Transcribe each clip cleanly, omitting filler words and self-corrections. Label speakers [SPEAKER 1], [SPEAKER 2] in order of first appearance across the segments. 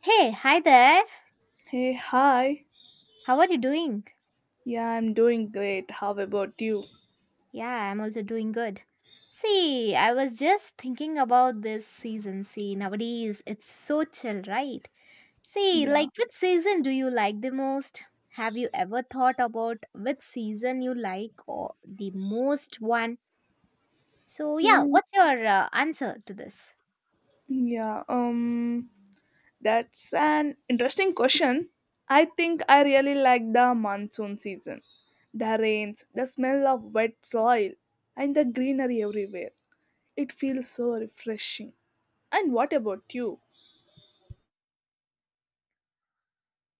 [SPEAKER 1] Hey, hi there.
[SPEAKER 2] Hey, hi.
[SPEAKER 1] How are you doing?
[SPEAKER 2] Yeah, I'm doing great. How about you?
[SPEAKER 1] Yeah, I'm also doing good. See, I was just thinking about this season. See, nowadays it's so chill, right? See,
[SPEAKER 2] Yeah.
[SPEAKER 1] like which season do you like the most? Have you ever thought about which season you like or the most one? So, yeah,
[SPEAKER 2] Hmm.
[SPEAKER 1] what's your answer to this?
[SPEAKER 2] Yeah, um that's an interesting question. I think I really like the monsoon season. The rains, the smell of wet soil, and the greenery everywhere. It feels so refreshing. And what about you?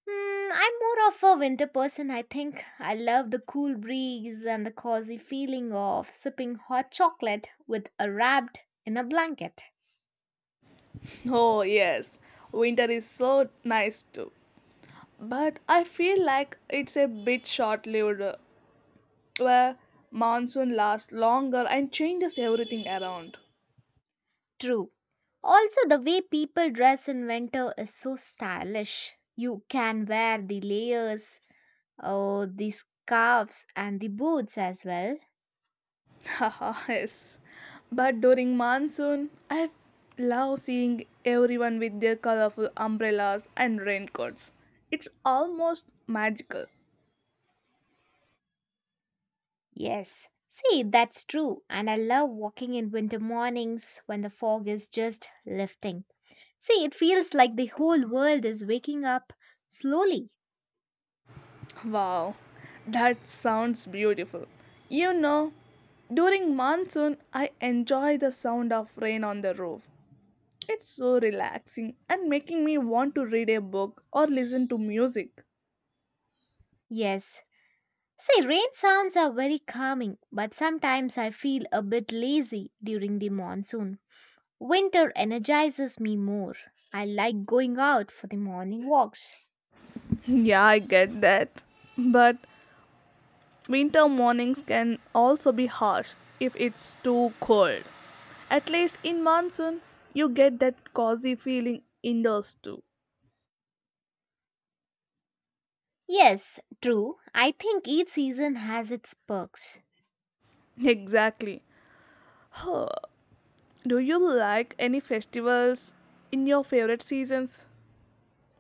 [SPEAKER 1] Mm, I'm more of a winter person, I think. I love the cool breeze and the cozy feeling of sipping hot chocolate with a wrapped in a blanket.
[SPEAKER 2] Oh, yes. Winter is so nice too. But I feel like it's a bit short lived where monsoon lasts longer and changes everything around.
[SPEAKER 1] True. Also, the way people dress in winter is so stylish. You can wear the layers, oh, the scarves, and the boots as well.
[SPEAKER 2] Haha, yes. But during monsoon, I love seeing everyone with their colorful umbrellas and raincoats. It's almost magical.
[SPEAKER 1] Yes. See, that's true. And I love walking in winter mornings when the fog is just lifting. See, it feels like the whole world is waking up slowly.
[SPEAKER 2] Wow, that sounds beautiful. You know, during monsoon, I enjoy the sound of rain on the roof. It's so relaxing and making me want to read a book or listen to music.
[SPEAKER 1] Yes. See, rain sounds are very calming, but sometimes I feel a bit lazy during the monsoon. Winter energizes me more. I like going out for the morning walks.
[SPEAKER 2] Yeah, I get that. But winter mornings can also be harsh if it's too cold. At least in monsoon, you get that cozy feeling indoors too.
[SPEAKER 1] Yes, true. I think each season has its perks.
[SPEAKER 2] Exactly. Oh, do you like any festivals in your favorite seasons?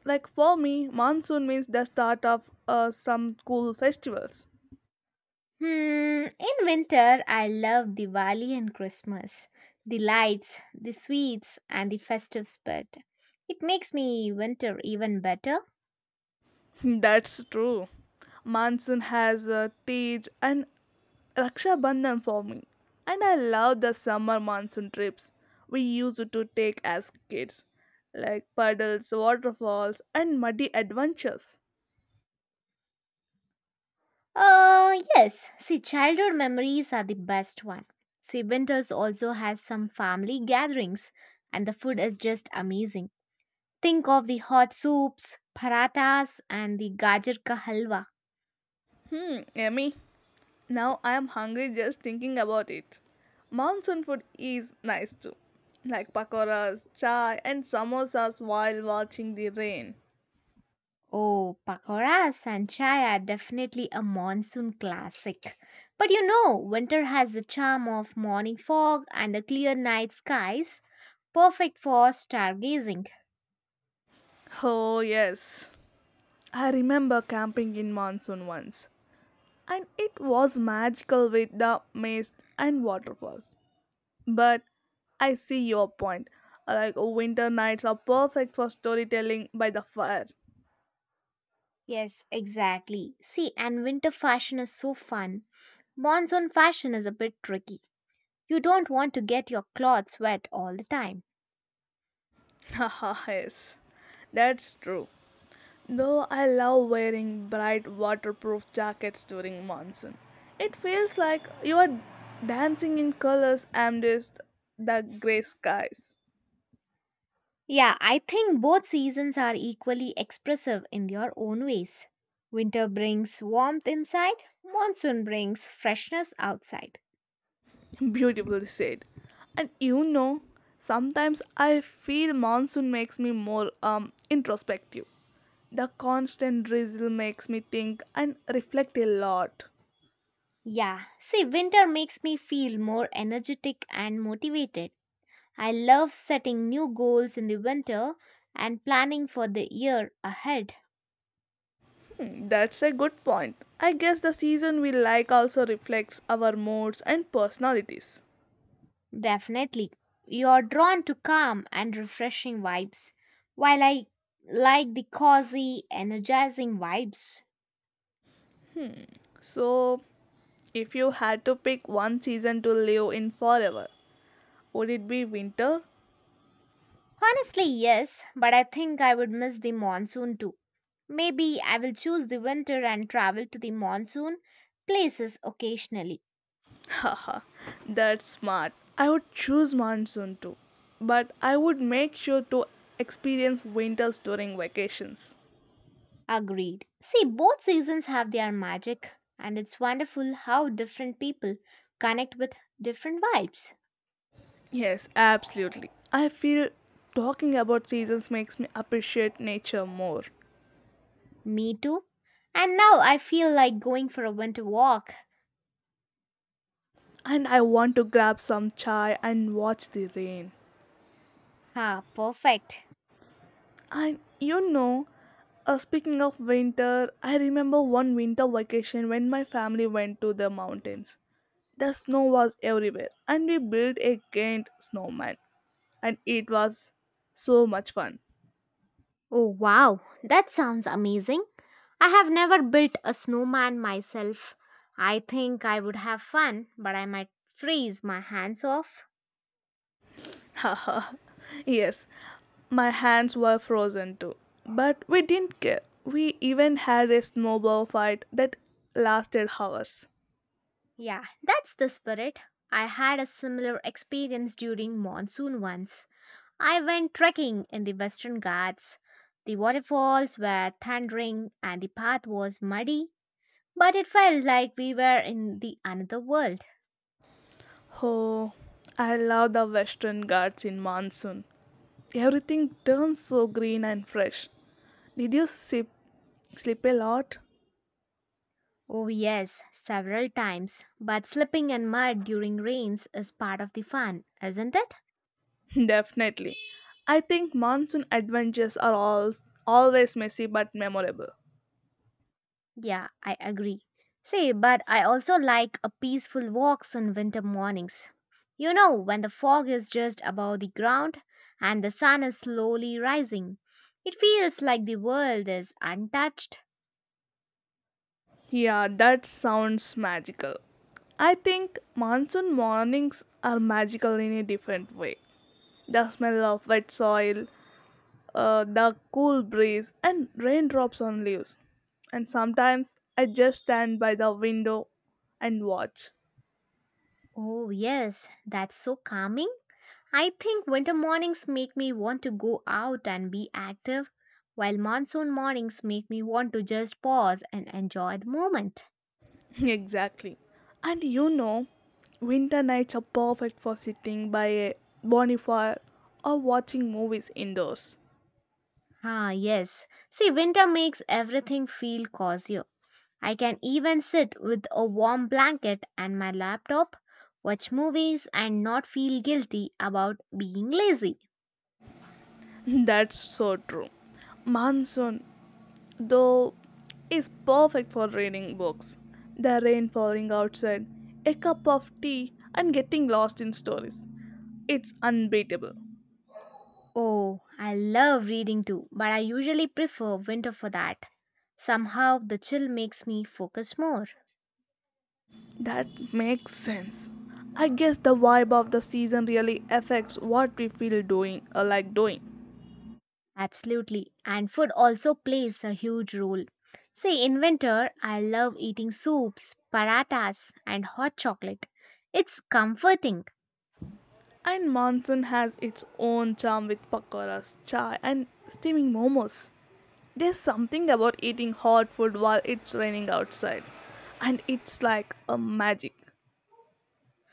[SPEAKER 2] Like for me, monsoon means the start of some cool festivals.
[SPEAKER 1] Hmm, in winter, I love Diwali and Christmas. The lights, the sweets, and the festive spirit. It makes me winter even better.
[SPEAKER 2] That's true. Monsoon has Tej and Raksha Bandhan for me. And I love the summer monsoon trips we used to take as kids, like puddles, waterfalls, and muddy adventures.
[SPEAKER 1] Yes, childhood memories are the best one. See, winters also has some family gatherings, and the food is just amazing. Think of the hot soups, parathas, and the gajar ka halwa.
[SPEAKER 2] Hmm, yummy. Now I am hungry just thinking about it. Monsoon food is nice too, like pakoras, chai, and samosas while watching the rain.
[SPEAKER 1] Oh, pakoras and chai are definitely a monsoon classic. But you know, winter has the charm of morning fog and a clear night skies, perfect for stargazing.
[SPEAKER 2] Oh, yes. I remember camping in monsoon once, and it was magical with the mist and waterfalls. But I see your point. Like winter nights are perfect for storytelling by the fire.
[SPEAKER 1] Yes, exactly. See, and winter fashion is so fun. Monsoon fashion is a bit tricky. You don't want to get your clothes wet all the time.
[SPEAKER 2] Haha, yes. That's true. Though I love wearing bright waterproof jackets during monsoon. It feels like you are dancing in colors amidst the grey skies.
[SPEAKER 1] Yeah, I think both seasons are equally expressive in their own ways. Winter brings warmth inside, monsoon brings freshness outside.
[SPEAKER 2] Beautifully said. And you know, sometimes I feel monsoon makes me more introspective. The constant drizzle makes me think and reflect a lot.
[SPEAKER 1] Yeah, see, winter makes me feel more energetic and motivated. I love setting new goals in the winter and planning for the year ahead.
[SPEAKER 2] Hmm, that's a good point. I guess the season we like also reflects our moods and personalities.
[SPEAKER 1] Definitely. You're drawn to calm and refreshing vibes, while I like the cozy, energizing vibes.
[SPEAKER 2] So, if you had to pick one season to live in forever, would it be winter?
[SPEAKER 1] Honestly, yes, but I think I would miss the monsoon too. Maybe I will choose the winter and travel to the monsoon places occasionally.
[SPEAKER 2] Haha, that's smart. I would choose monsoon too, but I would make sure to experience winters during vacations.
[SPEAKER 1] Agreed. See, both seasons have their magic, and it's wonderful how different people connect with different vibes.
[SPEAKER 2] Yes, absolutely. I feel talking about seasons makes me appreciate nature more.
[SPEAKER 1] Me too. And now I feel like going for a winter walk.
[SPEAKER 2] And I want to grab some chai and watch the rain.
[SPEAKER 1] Ah, perfect.
[SPEAKER 2] And you know, speaking of winter, I remember one winter vacation when my family went to the mountains. The snow was everywhere, and we built a giant snowman. And it was so much fun.
[SPEAKER 1] Oh, wow, that sounds amazing. I have never built a snowman myself. I think I would have fun, but I might freeze my hands off.
[SPEAKER 2] Haha. Yes, my hands were frozen too. But we didn't care. We even had a snowball fight that lasted hours.
[SPEAKER 1] Yeah, that's the spirit. I had a similar experience during monsoon once. I went trekking in the Western Ghats. The waterfalls were thundering and the path was muddy, but it felt like we were in the another world.
[SPEAKER 2] Oh, I love the Western Ghats in monsoon. Everything turns so green and fresh. Did you sip, sleep a lot?
[SPEAKER 1] Oh yes, several times. But slipping in mud during rains is part of the fun, isn't it?
[SPEAKER 2] Definitely. I think monsoon adventures are always messy but memorable.
[SPEAKER 1] Yeah, I agree. See, but I also like a peaceful walks in winter mornings. You know, when the fog is just above the ground and the sun is slowly rising. It feels like the world is untouched.
[SPEAKER 2] Yeah, that sounds magical. I think monsoon mornings are magical in a different way. The smell of wet soil, the cool breeze, and raindrops on leaves. And sometimes I just stand by the window and watch.
[SPEAKER 1] Oh, yes, that's so calming. I think winter mornings make me want to go out and be active, while monsoon mornings make me want to just pause and enjoy the moment.
[SPEAKER 2] Exactly. And you know, winter nights are perfect for sitting by a bonfire or watching movies indoors.
[SPEAKER 1] Ah, yes. See, winter makes everything feel cozy. I can even sit with a warm blanket and my laptop, watch movies, and not feel guilty about being lazy.
[SPEAKER 2] That's so true. Monsoon though is perfect for reading books. The rain falling outside, a cup of tea, and getting lost in stories. It's unbeatable.
[SPEAKER 1] Oh, I love reading too, but I usually prefer winter for that. Somehow, the chill makes me focus more.
[SPEAKER 2] That makes sense. I guess the vibe of the season really affects what we feel doing or like doing.
[SPEAKER 1] Absolutely, and food also plays a huge role. See, in winter, I love eating soups, paratas, and hot chocolate. It's comforting.
[SPEAKER 2] And monsoon has its own charm with pakoras, chai, and steaming momos. There's something about eating hot food while it's raining outside, and it's like a magic.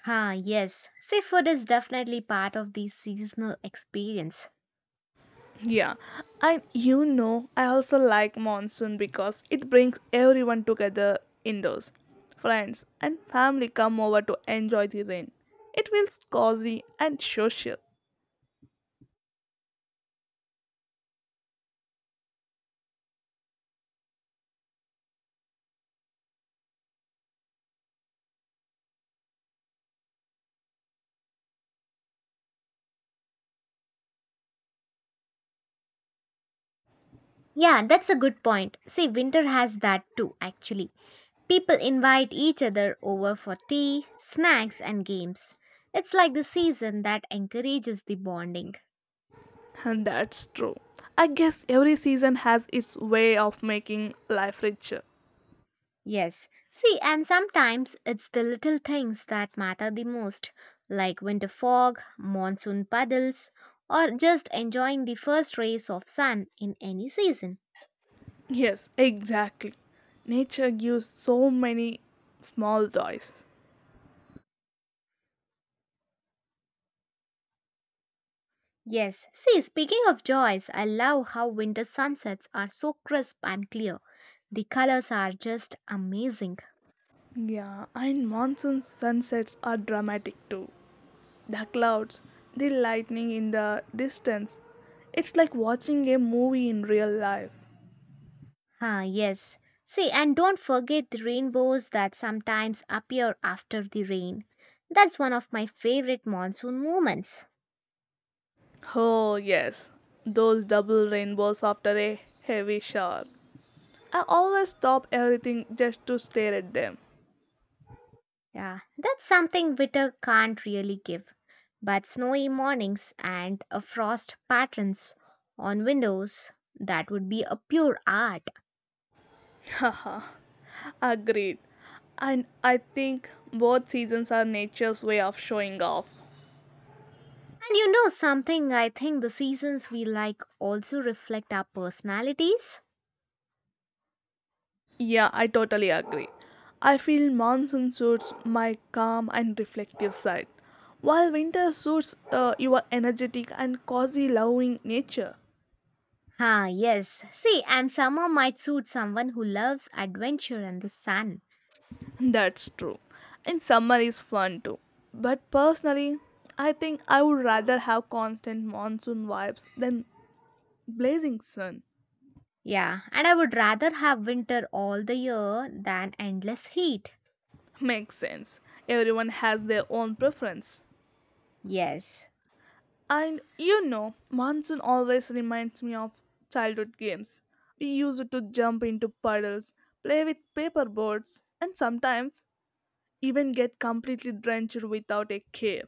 [SPEAKER 1] Ah, yes. Seafood is definitely part of the seasonal experience.
[SPEAKER 2] Yeah, and you know, I also like monsoon because it brings everyone together indoors. Friends and family come over to enjoy the rain. It feels cozy and social.
[SPEAKER 1] Yeah, that's a good point. See, winter has that too, actually. People invite each other over for tea, snacks, and games. It's like the season that encourages the bonding.
[SPEAKER 2] And that's true. I guess every season has its way of making life richer.
[SPEAKER 1] Yes. See, and sometimes it's the little things that matter the most, like winter fog, monsoon puddles, or just enjoying the first rays of sun in any season.
[SPEAKER 2] Yes, exactly. Nature gives so many small joys.
[SPEAKER 1] Yes. See, speaking of joys, I love how winter sunsets are so crisp and clear. The colors are just amazing.
[SPEAKER 2] Yeah, and monsoon sunsets are dramatic too. The clouds, the lightning in the distance. It's like watching a movie in real life.
[SPEAKER 1] Ah, yes. See, and don't forget the rainbows that sometimes appear after the rain. That's one of my favorite monsoon moments.
[SPEAKER 2] Oh, yes, those double rainbows after a heavy shower. I always stop everything just to stare at them.
[SPEAKER 1] Yeah, that's something winter can't really give. But snowy mornings and a frost patterns on windows, that would be a pure art.
[SPEAKER 2] Haha, agreed. And I think both seasons are nature's way of showing off.
[SPEAKER 1] And you know something, I think the seasons we like also reflect our personalities.
[SPEAKER 2] Yeah, I totally agree. I feel monsoon suits my calm and reflective side, while winter suits your energetic and cozy loving nature.
[SPEAKER 1] Ah, yes. See, and summer might suit someone who loves adventure and the sun.
[SPEAKER 2] That's true. And summer is fun too. But personally, I think I would rather have constant monsoon vibes than blazing sun.
[SPEAKER 1] Yeah, and I would rather have winter all the year than endless heat.
[SPEAKER 2] Makes sense. Everyone has their own preference.
[SPEAKER 1] Yes.
[SPEAKER 2] And you know, monsoon always reminds me of childhood games. We used to jump into puddles, play with paper boats, and sometimes even get completely drenched without a care.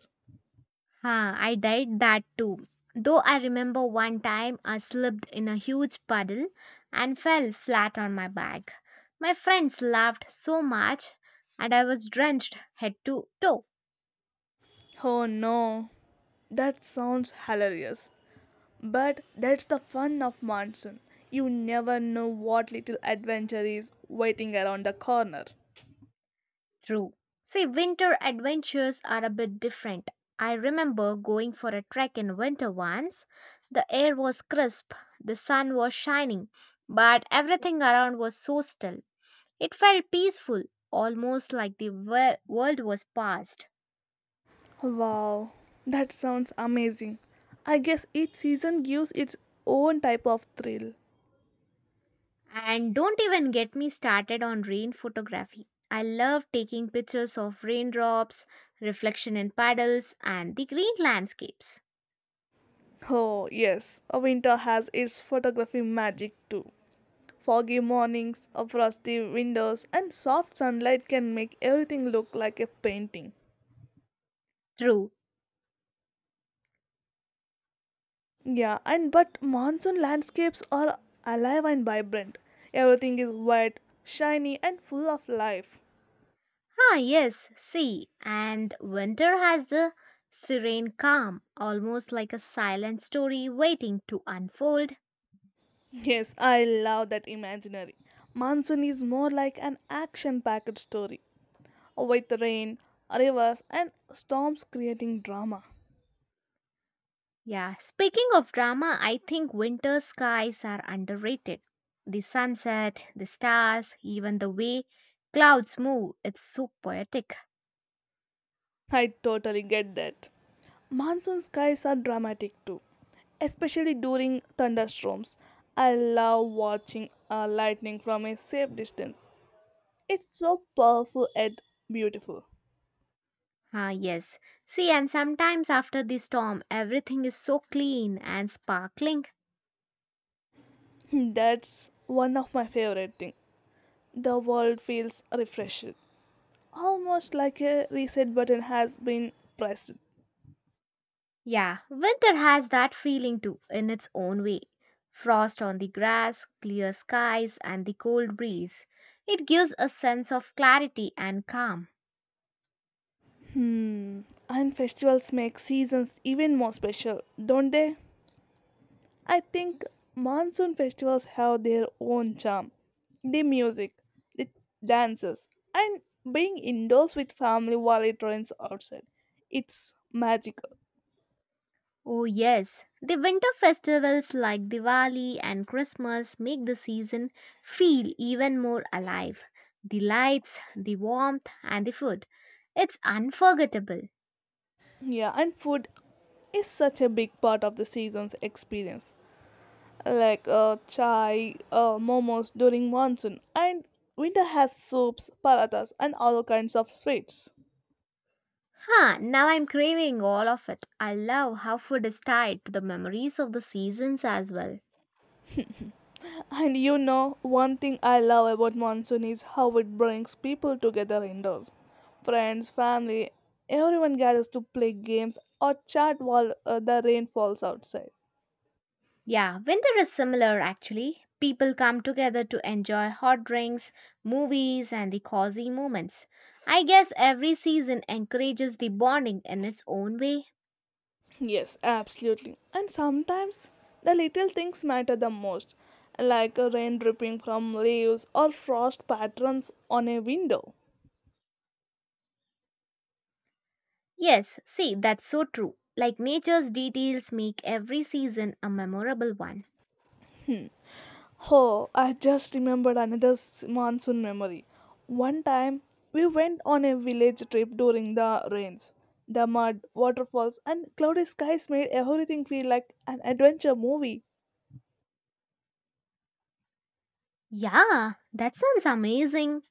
[SPEAKER 1] Ah, I did that too. Though I remember one time I slipped in a huge puddle and fell flat on my back. My friends laughed so much and I was drenched head to toe.
[SPEAKER 2] Oh no, that sounds hilarious. But that's the fun of monsoon. You never know what little adventure is waiting around the corner.
[SPEAKER 1] True. See, winter adventures are a bit different. I remember going for a trek in winter once. The air was crisp, the sun was shining, but everything around was so still. It felt peaceful, almost like the wo- world was past.
[SPEAKER 2] Wow, that sounds amazing. I guess each season gives its own type of thrill.
[SPEAKER 1] And don't even get me started on rain photography. I love taking pictures of raindrops, reflection in puddles, and the green landscapes.
[SPEAKER 2] Oh, yes, a winter has its photography magic too. Foggy mornings, a frosty windows, and soft sunlight can make everything look like a painting.
[SPEAKER 1] True.
[SPEAKER 2] Yeah, and but monsoon landscapes are alive and vibrant. Everything is wet, shiny, and full of life.
[SPEAKER 1] Ah, yes, see, and winter has the serene calm, almost like a silent story waiting to unfold.
[SPEAKER 2] Yes, I love that imaginary. Monsoon is more like an action packed story, with rain, rivers, and storms creating drama.
[SPEAKER 1] Yeah, speaking of drama, I think winter skies are underrated. The sunset, the stars, even the way clouds move, it's so poetic.
[SPEAKER 2] I totally get that. Monsoon skies are dramatic too, especially during thunderstorms. I love watching lightning from a safe distance. It's so powerful and beautiful.
[SPEAKER 1] Ah, yes. See, and sometimes after the storm, everything is so clean and sparkling.
[SPEAKER 2] That's one of my favorite things. The world feels refreshed, almost like a reset button has been pressed.
[SPEAKER 1] Yeah, winter has that feeling too, in its own way. Frost on the grass, clear skies, and the cold breeze. It gives a sense of clarity and calm.
[SPEAKER 2] Hmm, and festivals make seasons even more special, don't they? I think monsoon festivals have their own charm. The music, the dances, and being indoors with family while it rains outside. It's magical.
[SPEAKER 1] Oh, yes, the winter festivals like Diwali and Christmas make the season feel even more alive. The lights, the warmth, and the food. It's unforgettable.
[SPEAKER 2] Yeah, and food is such a big part of the season's experience. Like chai, momos during monsoon, and winter has soups, parathas, and all kinds of sweets.
[SPEAKER 1] Huh, now I'm craving all of it. I love how food is tied to the memories of the seasons as well.
[SPEAKER 2] And you know, one thing I love about monsoon is how it brings people together indoors. Friends, family, everyone gathers to play games or chat while the rain falls outside.
[SPEAKER 1] Yeah, winter is similar actually. People come together to enjoy hot drinks, movies, and the cozy moments. I guess every season encourages the bonding in its own way.
[SPEAKER 2] Yes, absolutely. And sometimes the little things matter the most, like a rain dripping from leaves or frost patterns on a window.
[SPEAKER 1] Yes, see, that's so true. Like nature's details make every season a memorable one.
[SPEAKER 2] Oh, I just remembered another monsoon memory. One time, we went on a village trip during the rains. The mud, waterfalls, and cloudy skies made everything feel like an adventure movie.
[SPEAKER 1] Yeah, that sounds amazing.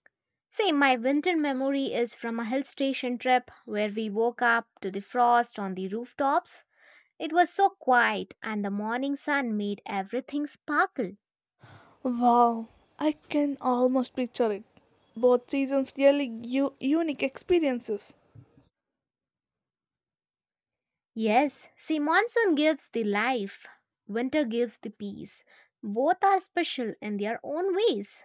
[SPEAKER 1] See, my winter memory is from a hill station trip where we woke up to the frost on the rooftops. It was so quiet, and the morning sun made everything sparkle.
[SPEAKER 2] Wow, I can almost picture it. Both seasons really give unique experiences.
[SPEAKER 1] Yes, see, monsoon gives the life, winter gives the peace. Both are special in their own ways.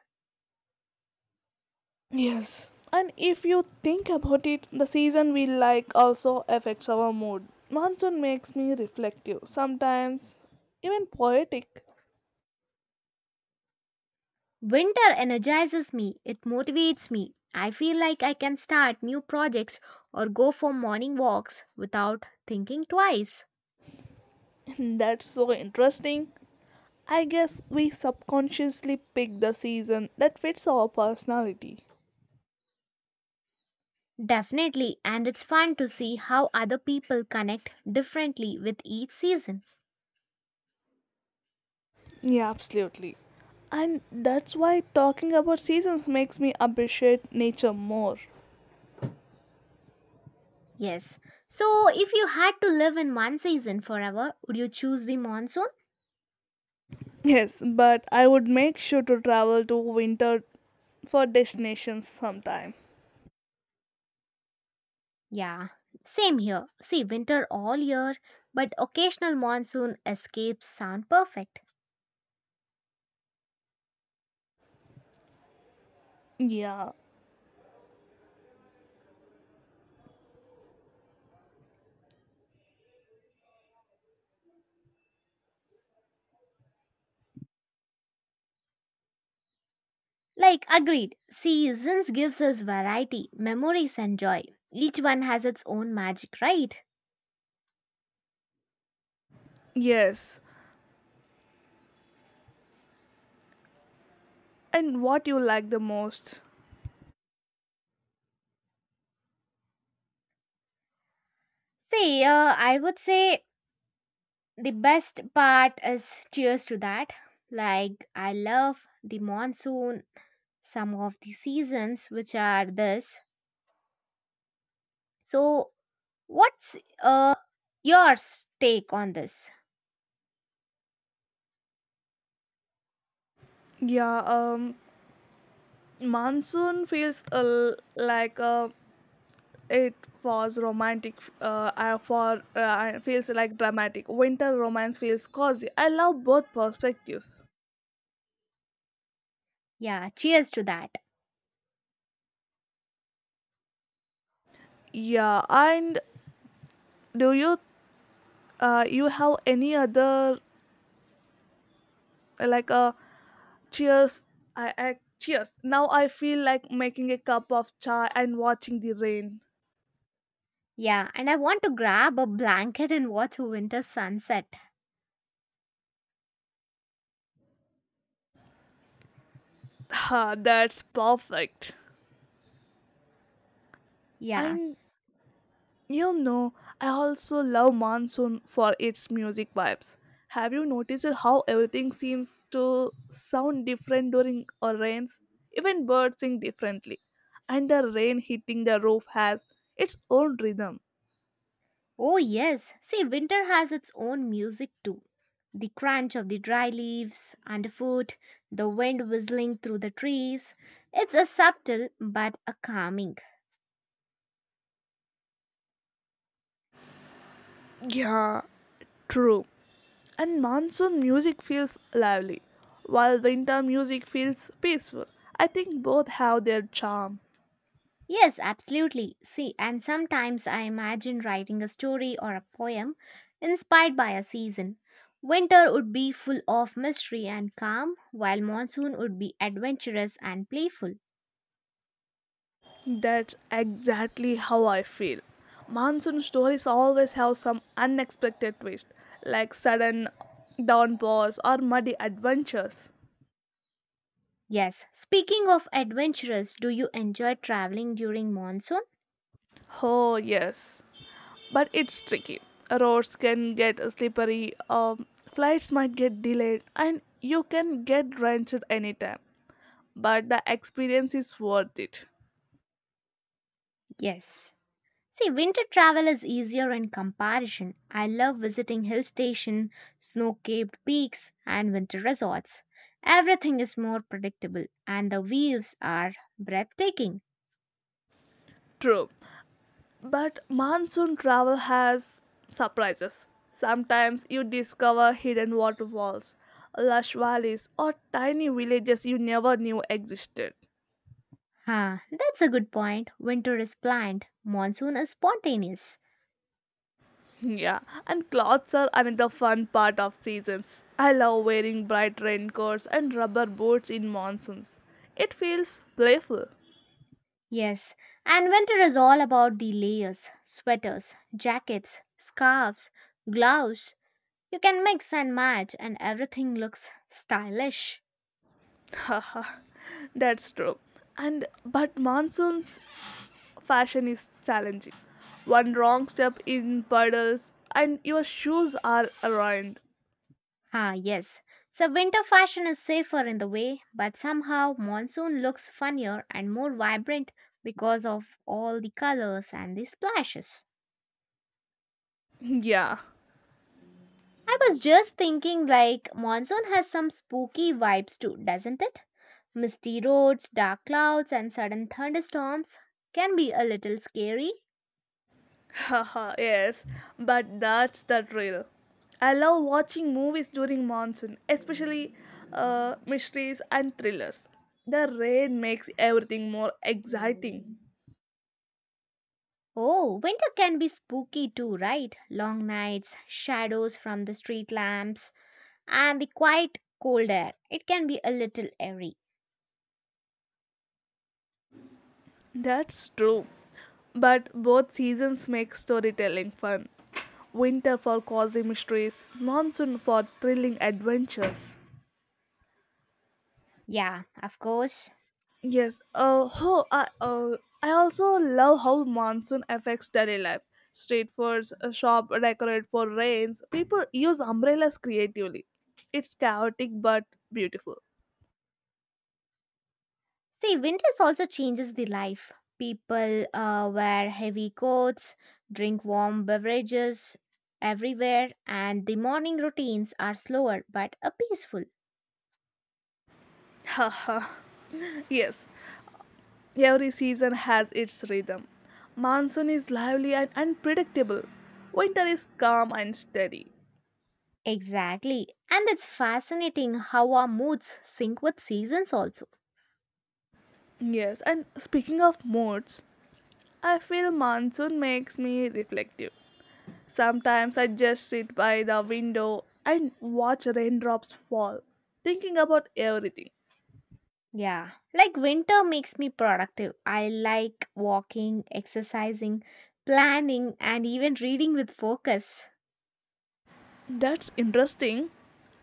[SPEAKER 2] Yes, and if you think about it, the season we like also affects our mood. Monsoon makes me reflective, sometimes even poetic.
[SPEAKER 1] Winter energizes me, it motivates me. I feel like I can start new projects or go for morning walks without thinking twice.
[SPEAKER 2] That's so interesting. I guess we subconsciously pick the season that fits our personality.
[SPEAKER 1] Definitely, and it's fun to see how other people connect differently with each season.
[SPEAKER 2] Yeah, absolutely. And that's why talking about seasons makes me appreciate nature more.
[SPEAKER 1] Yes. So, if you had to live in one season forever, would you choose the monsoon?
[SPEAKER 2] Yes, but I would make sure to travel to winter for destinations sometime.
[SPEAKER 1] Yeah, same here. See, winter all year, but occasional monsoon escapes sound perfect.
[SPEAKER 2] Yeah.
[SPEAKER 1] Like, agreed. Seasons gives us variety, memories, and joy. Each one has its own magic, right?
[SPEAKER 2] Yes. And what you like the most?
[SPEAKER 1] See, I would say the best part is cheers to that. Like, I love the monsoon, some of the seasons, which are this. So, what's your take on this?
[SPEAKER 2] Yeah, um monsoon feels like a It was romantic. I- for It feels like dramatic. Winter romance feels cozy. I love both perspectives.
[SPEAKER 1] Yeah, cheers to that.
[SPEAKER 2] Yeah, and do you you have any other like cheers? I cheers. Now I feel like making a cup of chai and watching the rain.
[SPEAKER 1] Yeah, and I want to grab a blanket and watch a winter sunset.
[SPEAKER 2] Ha, that's perfect.
[SPEAKER 1] Yeah.
[SPEAKER 2] And you know, I also love monsoon for its music vibes. Have you noticed how everything seems to sound different during a rains? Even birds sing differently, and the rain hitting the roof has its own rhythm.
[SPEAKER 1] Oh, yes. See, winter has its own music too. The crunch of the dry leaves underfoot, the wind whistling through the trees. It's a subtle but a calming.
[SPEAKER 2] Yeah, true. And monsoon music feels lively, while winter music feels peaceful. I think both have their charm.
[SPEAKER 1] Yes, absolutely. See, and sometimes I imagine writing a story or a poem inspired by a season. Winter would be full of mystery and calm, while monsoon would be adventurous and playful.
[SPEAKER 2] That's exactly how I feel. Monsoon stories always have some unexpected twist, like sudden downpours or muddy adventures.
[SPEAKER 1] Yes, speaking of adventurous, do you enjoy traveling during monsoon?
[SPEAKER 2] Oh, yes. But it's tricky. Roads can get slippery, flights might get delayed, and you can get drenched anytime. But the experience is worth it.
[SPEAKER 1] Yes. See, winter travel is easier in comparison. I love visiting hill station, snow-capped peaks, and winter resorts. Everything is more predictable and the views are breathtaking.
[SPEAKER 2] True. But monsoon travel has surprises. Sometimes you discover hidden waterfalls, lush valleys, or tiny villages you never knew existed.
[SPEAKER 1] Ah, that's a good point. Winter is planned, monsoon is spontaneous.
[SPEAKER 2] Yeah, and clothes are another fun part of seasons. I love wearing bright raincoats and rubber boots in monsoons. It feels playful.
[SPEAKER 1] Yes, and winter is all about the layers, sweaters, jackets, scarves, gloves. You can mix and match and everything looks stylish.
[SPEAKER 2] Haha, that's true. And but monsoons fashion is challenging. One wrong step in puddles and your shoes are ruined.
[SPEAKER 1] Ah, yes. So winter fashion is safer in the way, but somehow monsoon looks funnier and more vibrant because of all the colors and the splashes.
[SPEAKER 2] Yeah.
[SPEAKER 1] I was just thinking like monsoon has some spooky vibes too, doesn't it? Misty roads, dark clouds and sudden thunderstorms can be a little scary.
[SPEAKER 2] Haha, yes. But that's the thrill. I love watching movies during monsoon, especially mysteries and thrillers. The rain makes everything more exciting.
[SPEAKER 1] Oh, winter can be spooky too, right? Long nights, shadows from the street lamps, and the quiet cold air. It can be a little eerie.
[SPEAKER 2] That's true. But both seasons make storytelling fun. Winter for cozy mysteries, monsoon for thrilling adventures.
[SPEAKER 1] Yeah, of course.
[SPEAKER 2] Yes. Oh, I also love how monsoon affects daily life. Street foods, a shop decorate for rains. People use umbrellas creatively. It's chaotic but beautiful.
[SPEAKER 1] See, winters also changes the life. People wear heavy coats, drink warm beverages everywhere, and the morning routines are slower but peaceful.
[SPEAKER 2] Haha. Yes, every season has its rhythm. Monsoon is lively and unpredictable. Winter is calm and steady.
[SPEAKER 1] Exactly. And it's fascinating how our moods sync with seasons also.
[SPEAKER 2] Yes, and speaking of moods, I feel monsoon makes me reflective. Sometimes I just sit by the window and watch raindrops fall, thinking about everything.
[SPEAKER 1] Yeah. Like winter makes me productive. I like walking, exercising, planning, and even reading with focus.
[SPEAKER 2] That's interesting.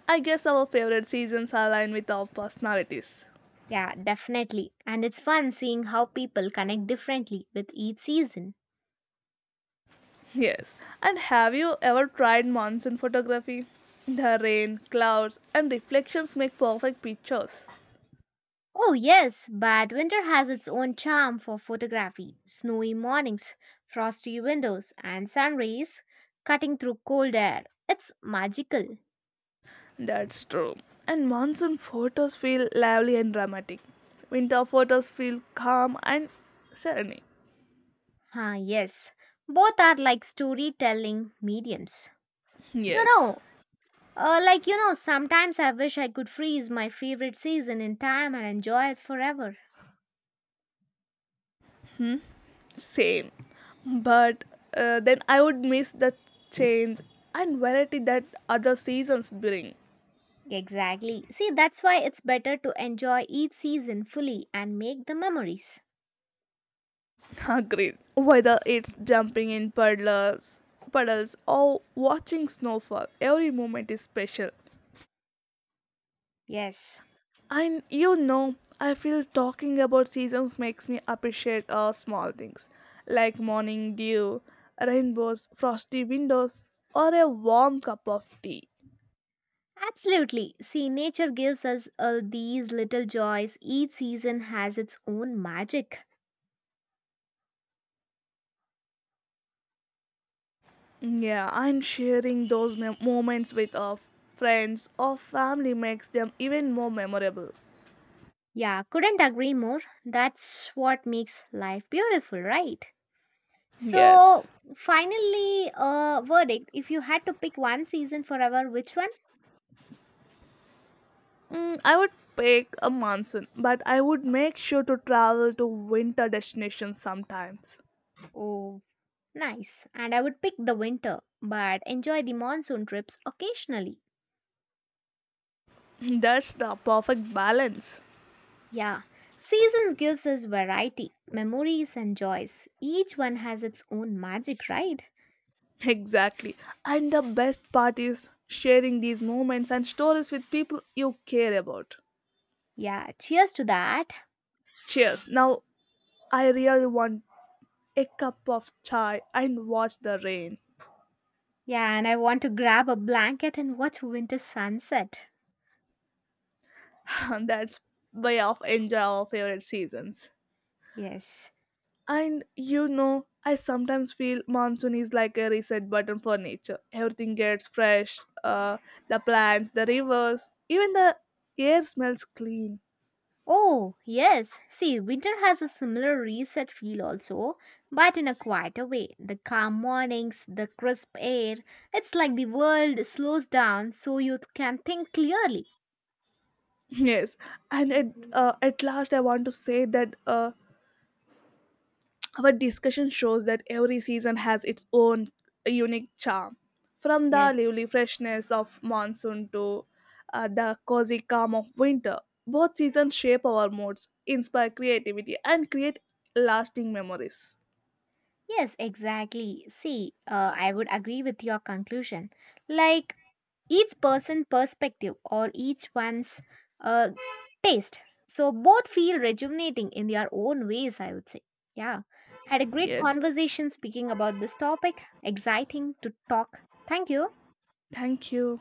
[SPEAKER 2] I guess our favorite seasons align with our personalities.
[SPEAKER 1] Yeah, definitely. And it's fun seeing how people connect differently with each season.
[SPEAKER 2] Yes. And have you ever tried monsoon photography? The rain, clouds, and reflections make perfect pictures.
[SPEAKER 1] Oh, yes, but winter has its own charm for photography snowy mornings, frosty windows, and sun rays cutting through cold air. It's magical.
[SPEAKER 2] That's true. And monsoon photos feel lively and dramatic. Winter photos feel calm and serene.
[SPEAKER 1] Ah, yes. Both are like storytelling mediums. You
[SPEAKER 2] Yes.
[SPEAKER 1] know, you know, sometimes I wish I could freeze my favorite season in time and enjoy it forever.
[SPEAKER 2] Same, but then I would miss the change and variety that other seasons bring.
[SPEAKER 1] Exactly. See, that's why it's better to enjoy each season fully and make the memories.
[SPEAKER 2] Agreed, whether it's jumping in puddles or watching snowfall, every moment is special.
[SPEAKER 1] Yes.
[SPEAKER 2] And you know, I feel talking about seasons makes me appreciate small things, like morning dew, rainbows, frosty windows, or a warm cup of tea.
[SPEAKER 1] Absolutely. See, nature gives us all these little joys. Each season has its own magic.
[SPEAKER 2] Yeah, and sharing those moments with our friends or family makes them even more memorable.
[SPEAKER 1] Yeah, couldn't agree more. That's what makes life beautiful, right?
[SPEAKER 2] Yes.
[SPEAKER 1] So, finally, verdict. If you had to pick one season forever, which one?
[SPEAKER 2] Mm, I would pick a monsoon, but I would make sure to travel to winter destinations sometimes.
[SPEAKER 1] Oh, nice. And I would pick the winter, but enjoy the monsoon trips occasionally.
[SPEAKER 2] That's the perfect balance.
[SPEAKER 1] Yeah, seasons gives us variety, memories and joys. Each one has its own magic, right?
[SPEAKER 2] Exactly. And the best part is sharing these moments and stories with people you care about.
[SPEAKER 1] Yeah, cheers to that.
[SPEAKER 2] Cheers. Now I really want a cup of chai and watch the rain.
[SPEAKER 1] Yeah, and I want to grab a blanket and watch winter sunset.
[SPEAKER 2] That's way of enjoy our favorite seasons.
[SPEAKER 1] Yes.
[SPEAKER 2] And you know, I sometimes feel monsoon is like a reset button for nature. Everything gets fresh, uh, the plants, the rivers, even the air smells clean.
[SPEAKER 1] Oh, yes. See, winter has a similar reset feel also, but in a quieter way. The calm mornings, the crisp air. It's like the world slows down so you can think clearly.
[SPEAKER 2] Yes, and at last, I want to say that our discussion shows that every season has its own unique charm, from the
[SPEAKER 1] Yes.
[SPEAKER 2] lively freshness of monsoon to the cozy calm of winter. Both seasons shape our moods, inspire creativity, and create lasting memories.
[SPEAKER 1] Yes, exactly. See, I would agree with your conclusion. Like each person perspective or each one's uh, taste. So both feel rejuvenating in their own ways, I would say. Yeah. Had a great
[SPEAKER 2] Yes,
[SPEAKER 1] conversation speaking about this topic. Exciting to talk. Thank you.
[SPEAKER 2] thank you.